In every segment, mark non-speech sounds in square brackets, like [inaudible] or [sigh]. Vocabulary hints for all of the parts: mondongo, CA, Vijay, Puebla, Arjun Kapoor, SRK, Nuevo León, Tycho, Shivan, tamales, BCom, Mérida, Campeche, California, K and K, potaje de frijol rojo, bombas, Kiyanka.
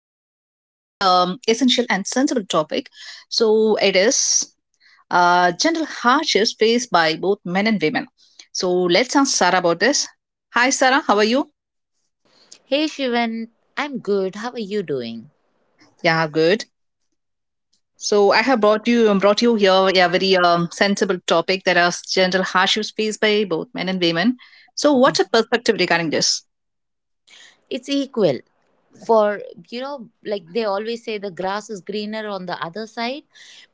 about a very essential and sensible topic. So it is general hardships faced by both men and women. So let's ask Sarah about this. Hi Sarah, how are you? Hey Shivan, I'm good. How are you doing? Yeah, good. So I have brought you here a very sensible topic that is general hardships faced by both men and women. So what's your perspective regarding this? It's equal for, like they always say the grass is greener on the other side.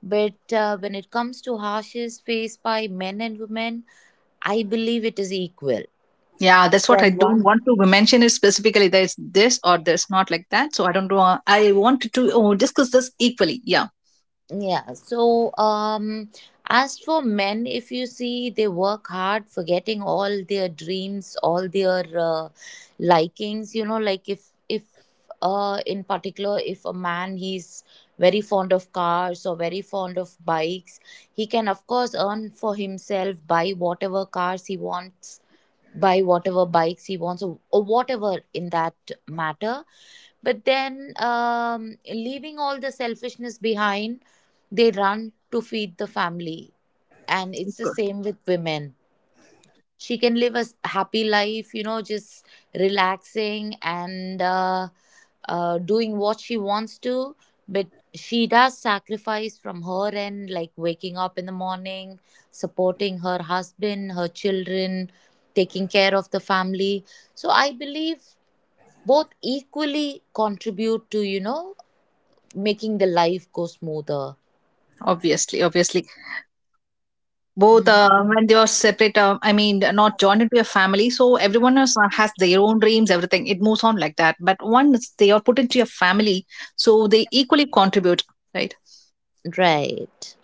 But when it comes to harshes faced by men and women, I believe it is equal. Yeah, that's what I When don't one want to mention it specifically. There's this or there's not like that. So I don't know. I wanted to discuss this equally. Yeah, Yeah, so as for men, if you see, they work hard, forgetting all their dreams, all their likings. Like if in particular, if a man he's very fond of cars or very fond of bikes, he can of course earn for himself, buy whatever cars he wants, buy whatever bikes he wants, or whatever in that matter. But then, leaving all the selfishness behind, they run to feed the family. And it's the same with women. She can live a happy life, just relaxing and doing what she wants to. But she does sacrifice from her end, like waking up in the morning, supporting her husband, her children, taking care of the family. So I believe both equally contribute to making the life go smoother. obviously, obviously. Both Mhm. When they are separate, I mean, not joined into a family. So everyone else has their own dreams, everything. It moves on like that. But once they are put into a family, so they equally contribute, right? Right.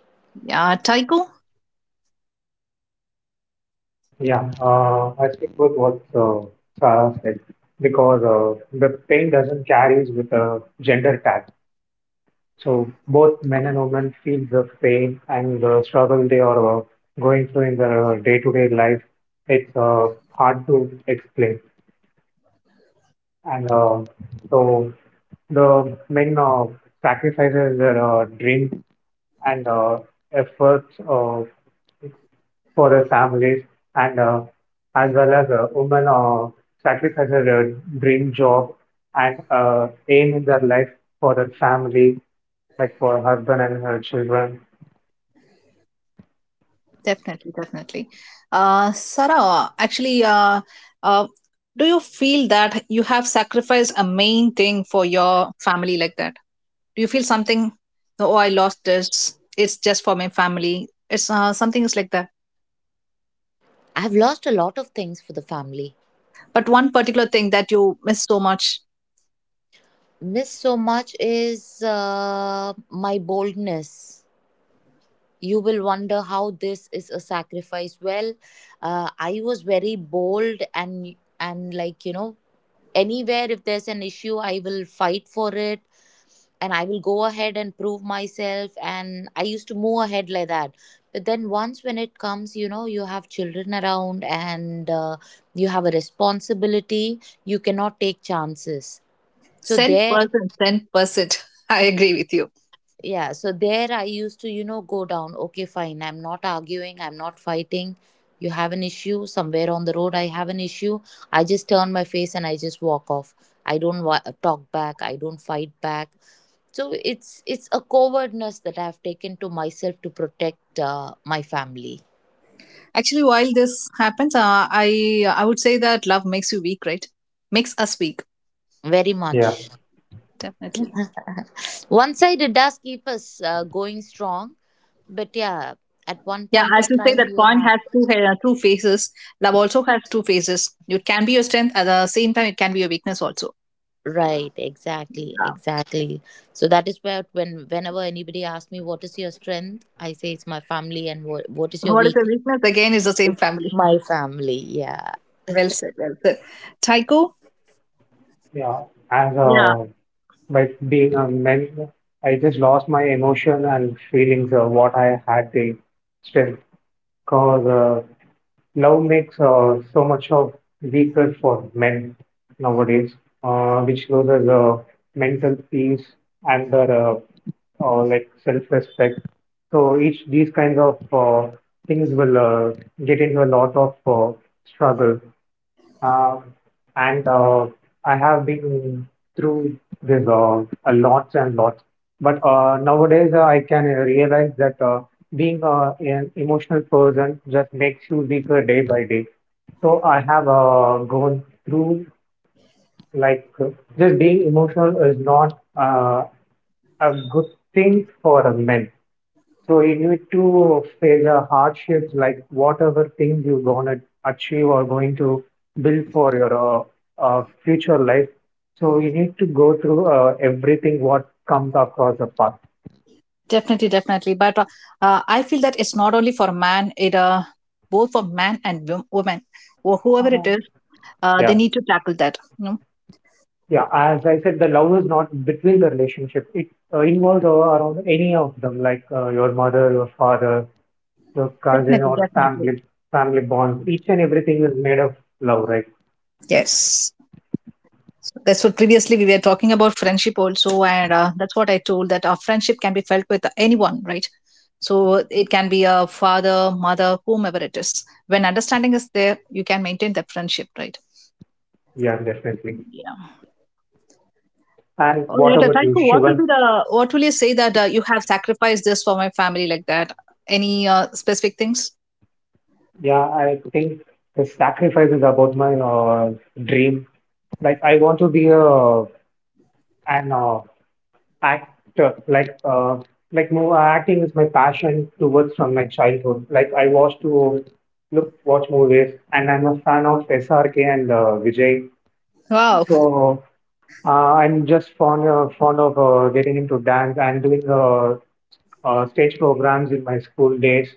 Yeah, Taiko? Yeah, I stick with what Sarah said because the pain doesn't carries with a gender tag. So both men and women feel the pain and the struggle they are going through in their day-to-day life. It's hard to explain, and so the men sacrifices their dreams and efforts. For the families and as well as women sacrifice their dream job and aim in their life for their family, like for husband and her children. Definitely, definitely. Sarah, actually, uh, do you feel that you have sacrificed a main thing for your family like that? Do you feel something? "No, oh, I lost this. It's just for my family. It's something is like that. I've lost a lot of things for the family. But one particular thing that you miss so much. Miss so much is my boldness. You will wonder how this is a sacrifice. Well, I was very bold, and like anywhere if there's an issue I will fight for it. And I will go ahead and prove myself. And I used to move ahead like that. But then once when it comes, you have children around and you have a responsibility, you cannot take chances. So ten there, percent, 10%. [laughs] I agree with you. yeah, so there I used to go down. Okay, fine. I'm not arguing, I'm not fighting. You have an issue somewhere on the road. I have an issue. I just turn my face and I just walk off. I don't talk back. I don't fight back. So it's a cowardness that I've taken to myself to protect my family. Actually, while this happens, I would say that love makes you weak, right? Makes us weak. Very Yeah, much. Definitely. One side it does keep us going strong, but yeah, at one Yeah, point I of should say time that you coin have. has two faces. Love also has two faces. It can be your strength at the same time. It can be your weakness also. Right, exactly, Yeah. exactly. So that is where whenever anybody asks me what is your strength, I say it's my family, and what is your What is a weakness. weakness? Again, is the same It's family. my family, yeah. [laughs] Well said. Well said. Tycho. yeah. As Yeah, By being a man, I just lost my emotion and feelings of what I had the strength because love makes so much of weaker for men nowadays, which loses mental peace and their like self-respect. So each these kinds of things will get into a lot of struggle. Uh, and I have been through this a lots and lots. But nowadays, I can realize that being an emotional person just makes you weaker day by day. So I have gone through like just being emotional is not a good thing for a man. So you need to face a hardships like whatever things you're gonna achieve or going to build for your future life. So you need to go through everything what comes across the path. definitely, definitely. But I feel that it's not only for man. It both for man and woman or whoever it is, they Yeah, need to tackle that. You know? yeah. As I said, the love is not between the relationship. It involves around any of them, like your mother, your father, your cousin, Definitely, or definitely. family bonds. Each and everything is made of love, right? Yes. That's what previously we were talking about friendship also, and that's what I told that our friendship can be felt with anyone, right? So it can be a father, mother, whomever it is. When understanding is there, you can maintain that friendship, right? Yeah, definitely. Yeah. And All what right, about you, Taiko, Shivan? What will you say that you have sacrificed this for my family like that? Any specific things? Yeah, I think the sacrifice is about my dream. Like I want to be a an actor. Like more acting is my passion towards from my childhood. Like I was to look watch movies, and I'm a fan of SRK and Vijay. Wow. So uh, I'm just fond of getting into dance and doing stage programs in my school days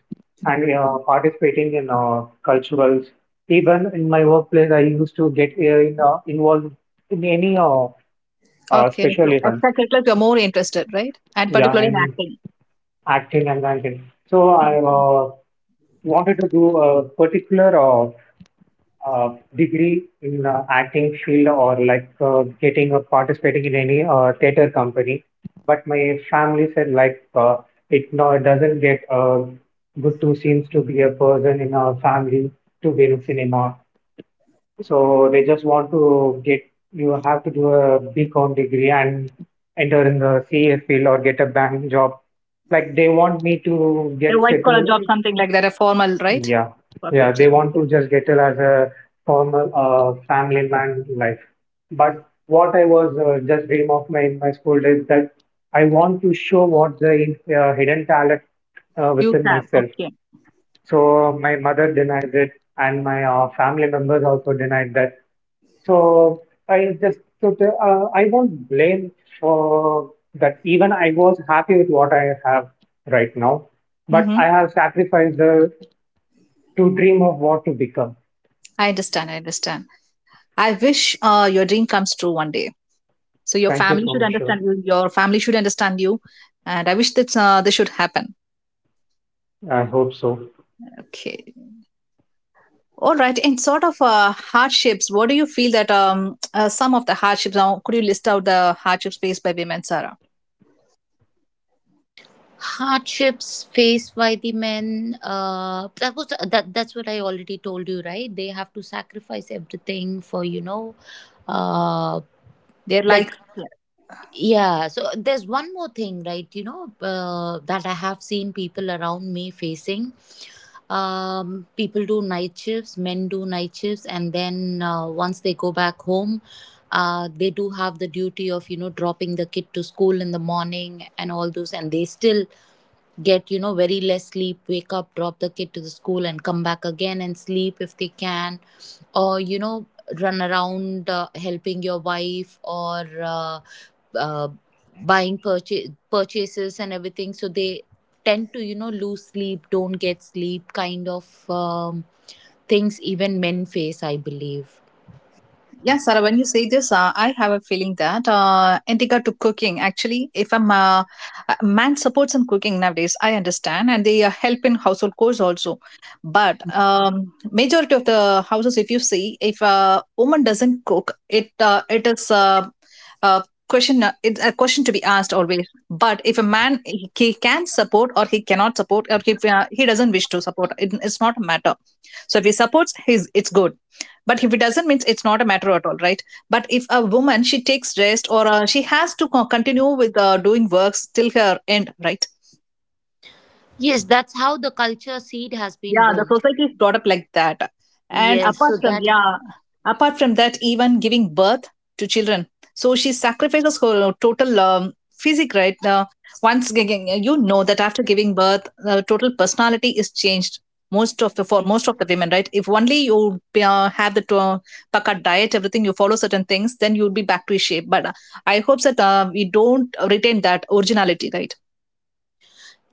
and participating in culturals. Even in my workplace, I used to get involved in any Okay. special So events. extracurriculars, you're more interested, right? And Yeah, particularly in I'm acting. acting and dancing. So I Okay. Wanted to do a particular degree in acting field or like getting or participating in any theater company. But my family said like it no it doesn't get good two scenes to be a person in a family to be in cinema. So they just want to get you have to do a BCom degree and enter in the CA field or get a bank job. Like they want me to A get white collar settled. job, something like that, a formal, right? Yeah, yeah, Corporate, they yeah. want to just get it as a formal family man life. But what I was just dream of my in my school days that I want to show what the hidden talent You within have. myself. Okay. So my mother denied it, and my family members also denied that. So I just took. I won't blame for that. Even I was happy with what I have right now, but I Mm-hmm. have sacrificed the to dream of what to become. I understand. I understand. I wish your dream comes true one day. So your Thank you family so should much, sure. understand you. Your family should understand you, and I wish that this should happen. I hope so. Okay. All right. And sort of hardships. What do you feel that some of the hardships? Now, could you list out the hardships faced by women, Sarah? Hardships faced by the men, that was that that's what I already told you, right. They have to sacrifice everything for. uh They're like. like, yeah, so there's one more thing, right? That I have seen people around me facing. People do night shifts, men do night shifts, and then once they go back home, they do have the duty of dropping the kid to school in the morning and all those, and they still get very less sleep, wake up, drop the kid to the school and come back again and sleep if they can, or run around helping your wife or uh, buying purchases and everything. So they tend to lose sleep, don't get sleep, kind of things, even men face, I believe. Yeah, Sarah, when you say this, I have a feeling that in regard to cooking, actually, if a a man supports in cooking nowadays, I understand, and they help in household chores also. But majority of the houses, if you see, if a woman doesn't cook, it is a question. It's a question to be asked always. But if a man he can support or he cannot support or if he doesn't wish to support, it, it's not a matter, so if he supports, it's good. But if it doesn't, means it's not a matter at all, right? But if a woman she takes rest or she has to continue with doing works till her end, right? Yes, that's how the culture seed has been Yeah, the born. society is brought up like that. And Yes, apart so from that. yeah, apart from that, even giving birth to children, so she sacrifices her total physique. Right now, once you know that after giving birth, the total personality is changed. Most of the For most of the women, right? If only you have the paka diet, everything you follow certain things, then you'll be back to shape. But I hope that we don't retain that originality, right?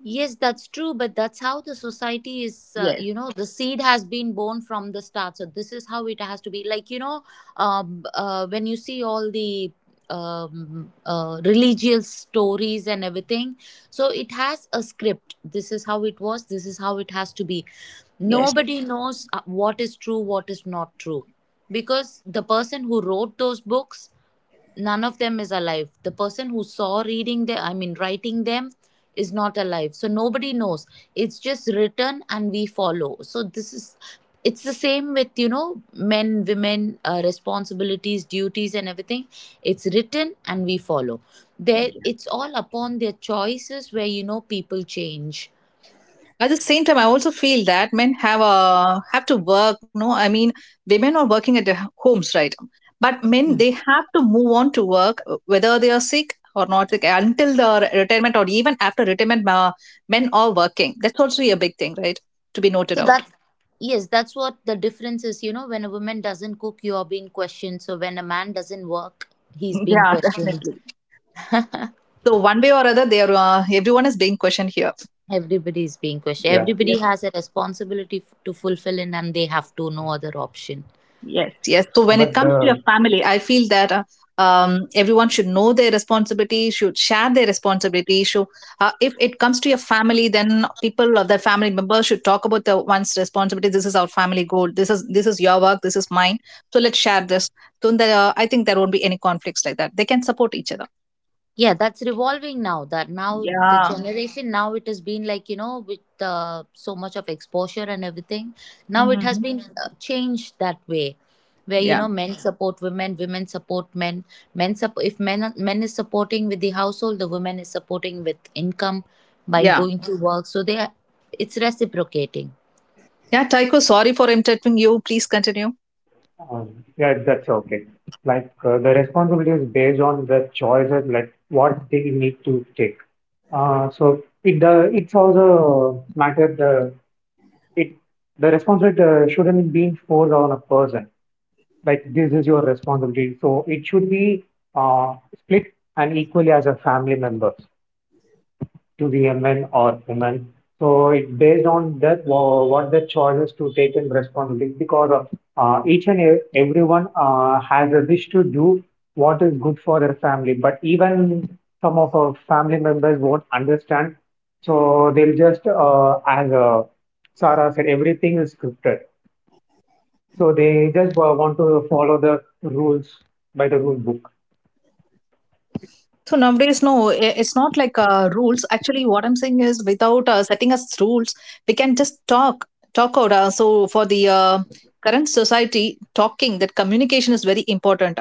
Yes, that's true, but that's how the society is, Yes, the seed has been born from the start. So this is how it has to be. Like, when you see all the religious stories and everything, so it has a script. This is how it was, this is how it has to be. yes. Nobody knows what is true, what is not true. Because the person who wrote those books, none of them is alive. The person who saw reading them, I mean writing them, is not alive, so nobody knows. It's just written and we follow, so this is. It's the same with, men, women, responsibilities, duties and everything. It's written and we follow. There it's all upon their choices, where people change. At the same time, I also feel that men have to work. No, I mean women are working at their homes, right? But men Mm. they have to move on to work whether they are sick or not sick until the retirement or even after retirement. Men are working. That's also a big thing, right? To be noted So out. that's. Yes, that's what the difference is. When a woman doesn't cook, you are being questioned. So when a man doesn't work, he's being Yeah, questioned. definitely. So one way or other, they are everyone is being questioned here. Everybody is being questioned. Yes, Yeah, Everybody yes. has a responsibility to fulfill in, and they have to, no other option. Yes, yes. So when it but comes to uh, your family, I feel that everyone should know their responsibility, should share their responsibility. So if it comes to your family, then people or their family members should talk about the one's responsibility. This is our family goal. This is your work. This is mine. So let's share this. So there, I think there won't be any conflicts like that. They can support each other. Yeah, that's revolving now. That now the Yeah. generation now it has been like, with so much of exposure and everything. Now it has Hmm. been changed that way, where Yeah. Men support women, women support men. Men sup- if men are- men is supporting with the household, the woman is supporting with income by Yeah. going to work. So they are, it's reciprocating. Yeah. Tycho, sorry for interrupting you. Please continue. um, yeah, that's okay. Like the responsibility is based on the choices, like what they need to take. So it's also matter it the responsibility shouldn't be forced on a person. Like this is your responsibility, so it should be split and equally as a family member to the men or women. So it based on that what the choices to take and responsibility because each and everyone has a wish to do what is good for their family. But even some of our family members won't understand, so they'll just as Sarah said, everything is scripted. So they just want to follow the rules by the rule book. So nowadays, no, it's not like rules. Actually, what I'm saying is, without setting us rules, we can just talk out. So for the current society, talking that communication is very important.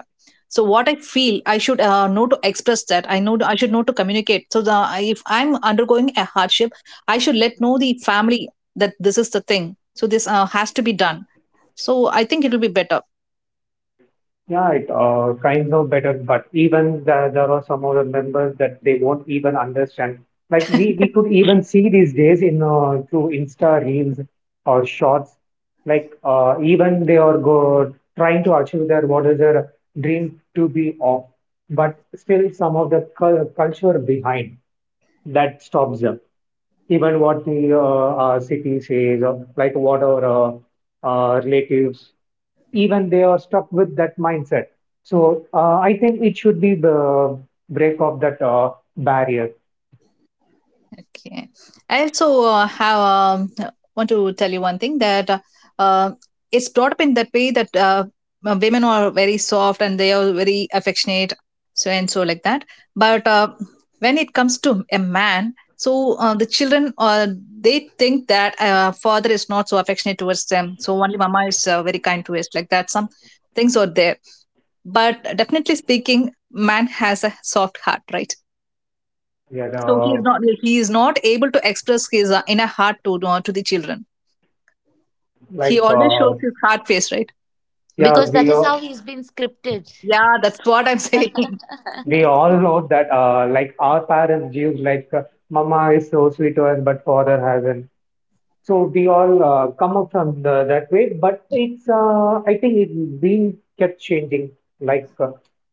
So what I feel, I should know to express that. I know I should know to communicate. So if I'm undergoing a hardship, I should let know the family that this is the thing. So this has to be done. So I think it will be better. Yeah, it kind of better, but even there, there are some other members that they won't even understand. Like we could even see these days in through Insta reels or shorts. Like even they are go trying to achieve their what is their dream to be of, but still some of the culture behind that stops them. Even what the city says, or like what our relatives even they are stuck with that mindset. So I think it should be the break of that barrier. Okay. I also have want to tell you one thing that uh, it's brought up in that way that women are very soft and they are very affectionate, so and so like that. But when it comes to a man, so the children they think that father is not so affectionate towards them, so only mama is very kind to us like that. Some things are there, but definitely speaking, man has a soft heart, right? Yeah, So know, he is not able to express his inner heart to to the children. He like always uh, shows his hard face, right? yeah, Because that we is how all- he's been scripted. Yeah, that's what I'm saying. [laughs] we all know that like our parents give like mama is so sweet to us, but father has an. So we all come up from the, that way, but it's I think it been kept changing. Like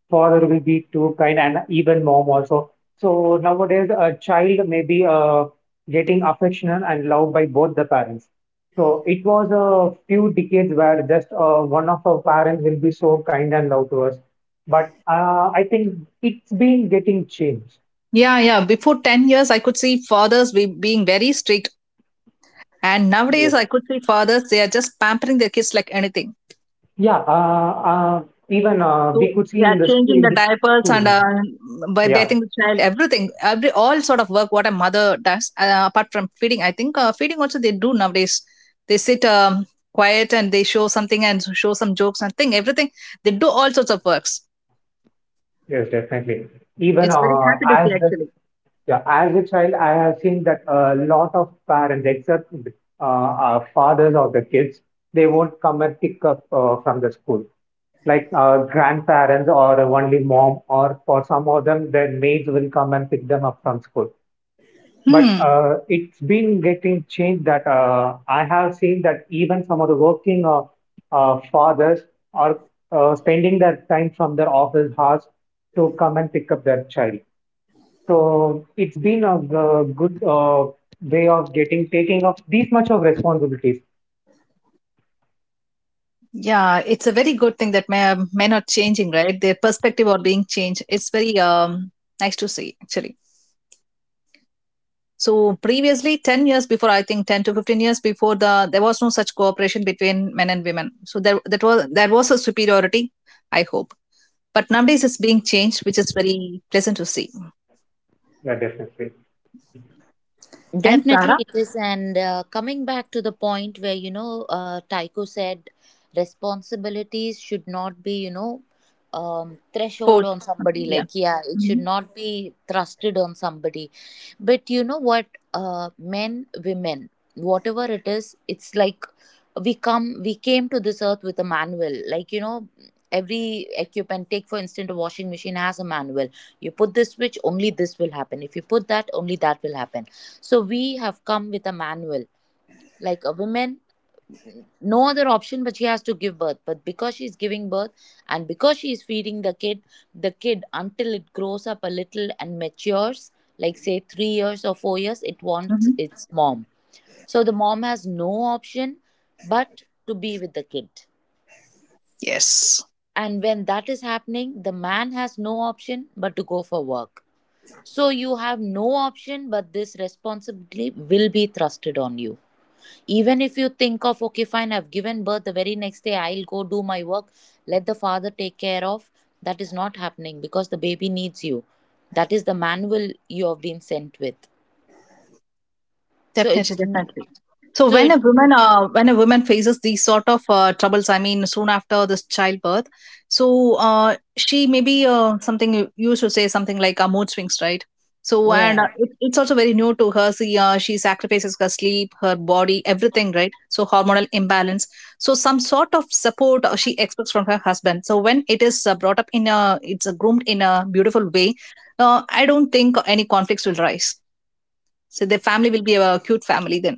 father will be too kind, and even mom also. So nowadays, a child may be getting affectionate and loved by both the parents. So it was a few decades where just one of our parents will be so kind and love to us, but I think it's been getting changed. Yeah, yeah. Before 10 years, I could see being very strict, and nowadays Yes. I could see fathers they are just pampering their kids like anything. Yeah, even So we could see yeah, in the school changing in the this diapers school and now. By Yeah, bathing the child, everything, every all sort of work what a mother does. Apart from feeding, I think feeding also they do nowadays. They sit quiet and they show something and show some jokes and thing. Everything they do all sorts of works. yes, definitely. Even It's very happy to see as the actually. yeah, as a child, I have seen that a lot of parents, except our fathers of the kids, they won't come and pick up from the school. Like grandparents or only mom, or for some of them, their maids will come and pick them up from school. But Hmm. It's been getting changed that I have seen that even some of the working fathers are spending their time from their office hours to come and pick up their child. So it's been a, good way of getting taking off these much of responsibilities. Yeah, it's a very good thing that men are changing, right? Their perspective are being changed. It's very nice to see actually. So previously, 10 years before, I think 10 to 15 years before the, there was no such cooperation between men and women. So there, there was a superiority, I hope. But nowadays it's being changed, which is very pleasant to see. Yeah, definitely. And Definitely Sarah, it is. And coming back to the point where, Tycho said responsibilities should not be, of course. threshold on somebody. Yeah. Like, yeah, it should Mhm. not be thrusted on somebody. But you know what? Men, women, whatever it is, it's like we came to this earth with a manual. Like, every equipment, take for instance, a washing machine has a manual. You put this switch, only this will happen. If you put that, only that will happen. So we have come with a manual. Like a woman, no other option but she has to give birth. But because she's giving birth and because she is feeding the kid until it grows up a little and matures, like say 3 years or 4 years, it wants Mhm. its mom. So the mom has no option but to be with the kid. Yes. And when that is happening, the man has no option but to go for work. So you have no option, but this responsibility will be thrusted on you. Even if you think of, okay, fine, I've given birth, the very next day I'll go do my work, let the father take care of. That is not happening, because the baby needs you. That is the manual you have been sent with. So Definitely, it's. definitely. So So when it. a woman, faces these sort of troubles, I mean, soon after this childbirth, so she maybe something you should say something like mood swings, right? So and Yeah, it's also very new to her. She sacrifices her sleep, her body, everything, right? So hormonal imbalance. So some sort of support she expects from her husband. So when it is brought up it's groomed in a beautiful way. I don't think any conflicts will rise. So the family will be a cute family then.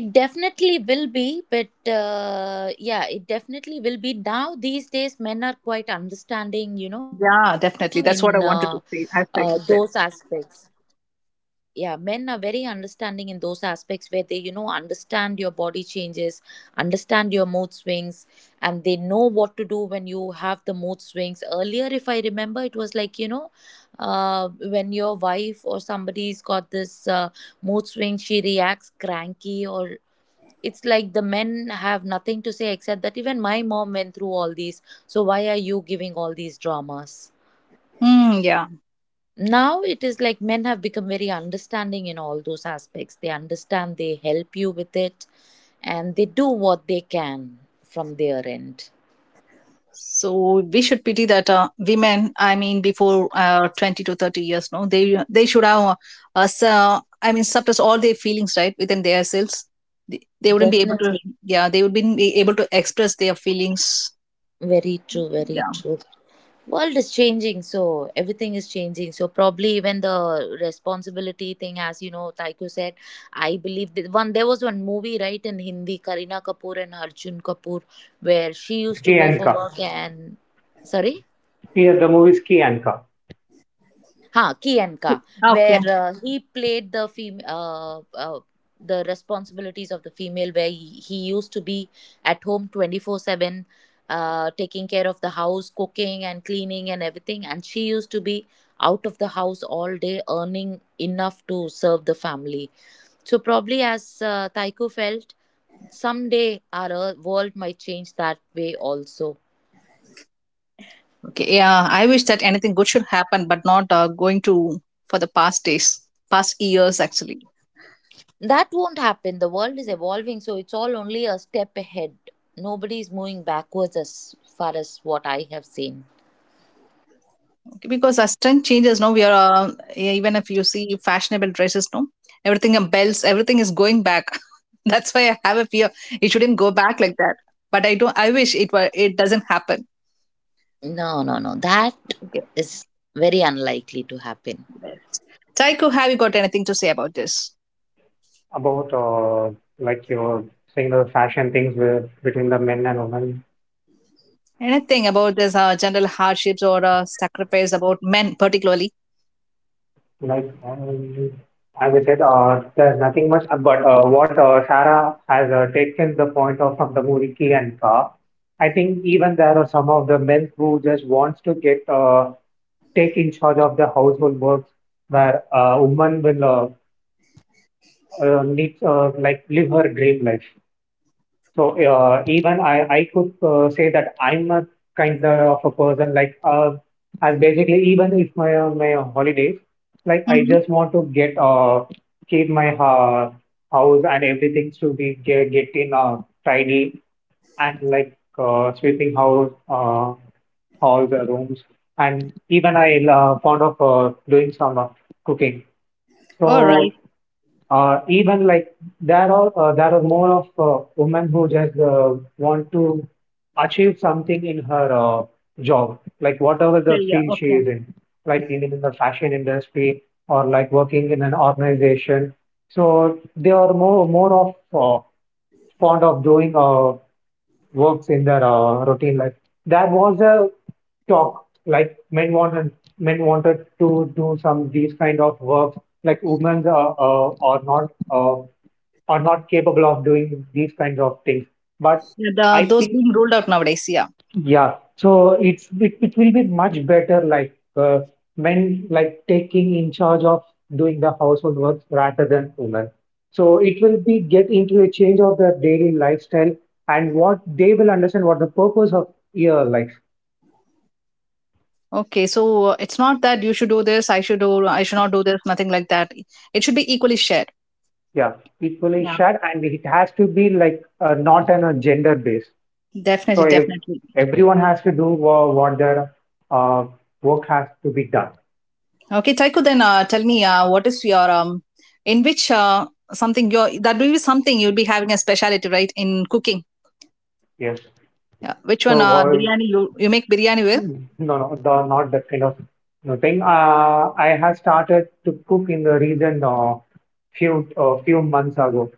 it definitely will be, but yeah, it definitely will be. Now these days men are quite understanding, in Yeah, definitely. That's what I wanted to those say. Hashtag you said. aspects. Yeah, men are very understanding in those aspects, where they understand your body changes, understand your mood swings, and they know what to do when you have the mood swings. Earlier if I remember, it was like, uh, when your wife or somebody's got this mood swing, she reacts cranky, or it's like the men have nothing to say except that, even my mom went through all these, so why are you giving all these dramas. Hmm. Yeah. Now it is like men have become very understanding in all those aspects. They understand, they help you with it, and they do what they can from their end. So we should pity that women. I mean, before 20 to 30 years, no, they should have I mean, suppress all their feelings right within their selves. They wouldn't be able to. Definitely. Yeah, they would be able to express their feelings. Very true, very Yeah. true. World is changing, so everything is changing. So probably even the responsibility thing, as you know, Taiko said. I believe that one, there was one movie, right, in Hindi, karina kapoor and Arjun Kapoor, where she It's used to K go and for K. work and. Sorry. Yeah, the movie is K and K. Ha, Kiyanka, where Okay. He played the the responsibilities of the female, where he used to be at home 24/7, taking care of the house, cooking and cleaning and everything. And she used to be out of the house all day, earning enough to serve the family. So probably as Taiko felt, someday our world might change that way also. Okay. Yeah. I wish that anything good should happen, but not going to for the past days, past years actually. That won't happen. The world is evolving, so it's all only a step ahead. Nobody is moving backwards as far as what I have seen. Because our strength changes, no, we are yeah, even if you see fashionable dresses, no, everything, belts, everything is going back. [laughs] That's why I have a fear. It shouldn't go back like that, but I don't, I wish it were, it doesn't happen. No, no, no. That Okay. is very unlikely to happen. Taiko, have you got anything to say about this? About like your saying the fashion things with, between the men and women. Anything about this general hardships or sacrifice about men particularly? Like as I said, there's nothing much. But what Sarah has taken the point of from the movie Key and Ka, I think even there are some of the men who just wants to get take in charge of the household works, where a woman will need like live her dream life. So even I could say that I'm a kind of a person like as basically even if my my holidays like I Mm-hmm. just want to get keep my house and everything to be get in tidy and like sweeping house halls rooms and even I fond of doing some cooking. All right. So even there are more of women who just want to achieve something in her job, like whatever the Yeah. Yeah, field she okay. is in, like in the fashion industry or like working in an organization. So they are more more of fond of doing works in their routine life. There was a talk like men wanted to do some these kind of works like women are not capable of doing these kinds of things. But Yeah, the, I those think being ruled out nowadays. Yeah. yeah, so it will be much better like when like taking in charge of doing the household work rather than women. So it will be get into a change of their daily lifestyle and what they will understand what the purpose of your life. Okay, so it's not that you should do this, I should do, I should not do this, nothing like that. It should be equally shared. Yeah, equally Yeah. shared and it has to be like not on a gender base. So Definitely, if definitely. everyone has to do what their uh, work has to be done. Okay, Taiko, then tell me, what is your in which something your that will be something you'll be having a specialty, right? In cooking, Yes. yeah. Which one? So uh, Biryani. You make biryani well? mm, no, no, the, not that kind of no thing. I have started to cook in the recent few months ago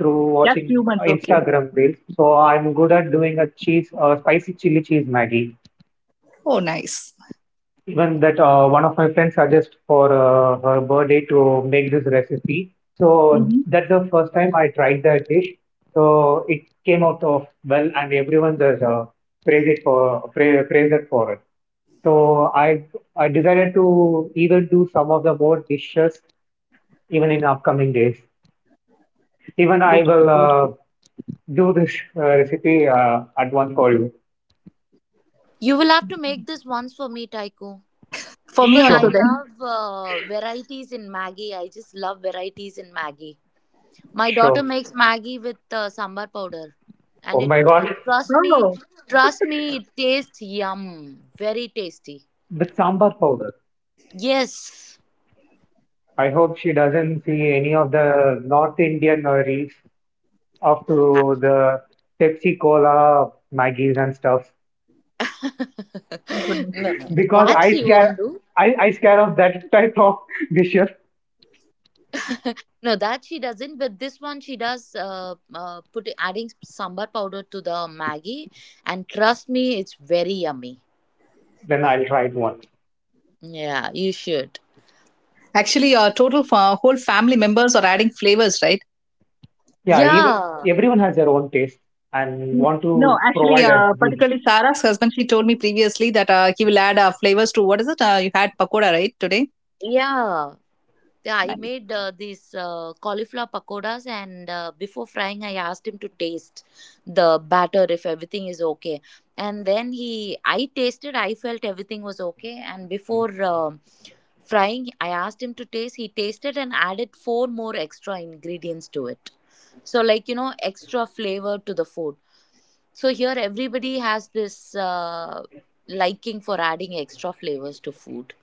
through Just few watching months, okay. Instagram reels. So I'm good at doing a cheese, spicy chili cheese Maggie. Oh, nice. Even that one of my friends suggested for her birthday to make this recipe. So Mm-hmm. that's the first time I tried that dish. So it came out of well, and everyone just praised it for it. So I decided to even do some of the more dishes even in upcoming days. Even I Beautiful, will beautiful. do this recipe at once for you. You will have to make this once for me, Taiko. For me Because also, I Sure, then. love varieties in Maggie. I just love varieties in Maggie. My daughter sure. makes Maggie with sambar powder. And Oh it, my God, trust me, Oh, trust me, it tastes yum. Very tasty. the sambar powder. Yes. I hope she doesn't see any of the North Indian nurseries up to the Pepsi Cola Maggies and stuff. my [laughs] goodness. no, no, no. Because That she won't do. I scare of that type of dishes, No, that she doesn't. But this one she does. Put adding sambar powder to the maggi, and trust me, it's very yummy. then I'll try it once. Yeah, you should. Actually, total for whole family members are adding flavors, right? Yeah, even Yeah, everyone has their own taste and Mm, want no, to actually, provide a good particularly Sarah's husband, she told me previously that he will add flavors to what is it? You had pakoda, right, today? yeah. Yeah, I Nice, made these cauliflower pakodas, and before frying, I asked him to taste the batter if everything is okay. And then I tasted, I felt everything was okay. And before frying, I asked him to taste. He tasted and added four more extra ingredients to it. So, like, extra flavor to the food. So here everybody has this liking for adding extra flavors to food.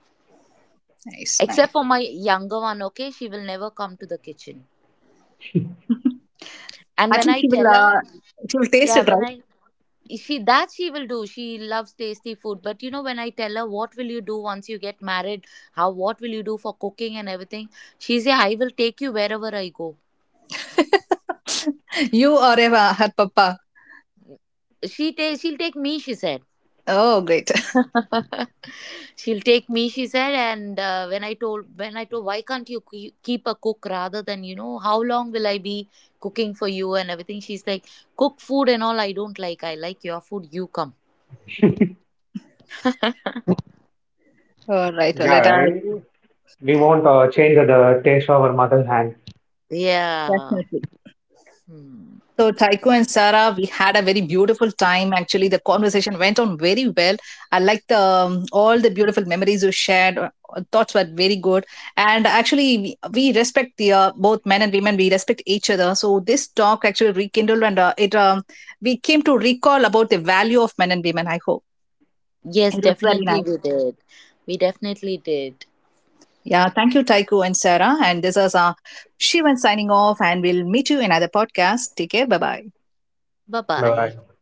nice, Except nice. for my younger one, okay, she will never come to the kitchen. [laughs] And At when least I she will, tell her, she will taste yeah, it, when right? I, she, that she will do. She loves tasty food. But when I tell her what will you do once you get married, how what will you do for cooking and everything, she said, I will take you wherever I go. [laughs] You or Eva, her papa. She she'll take me, she said. Oh, great. [laughs] She'll take me, she said. And when I told, why can't you keep a cook rather than, how long will I be cooking for you and everything? She's like, cook food and all I don't like. I like your food, you come. dish. [laughs] [laughs] [laughs] All right, let her. Yeah, we won't change the taste of our mother hand. Yeah. Hmm. So, Taiko and Sarah, we had a very beautiful time. Actually, the conversation went on very well. I liked the, all the beautiful memories you shared. Thoughts were very good. And actually, we respect the both men and women. We respect each other. So this talk actually rekindled and it we came to recall about the value of men and women. I hope Yes, it was very definitely nice. we did. We definitely did. Yeah, thank you, Taiko and Sarah. And this is Shivan signing off. And we'll meet you in another podcast. Take care. Bye bye. Bye bye. No,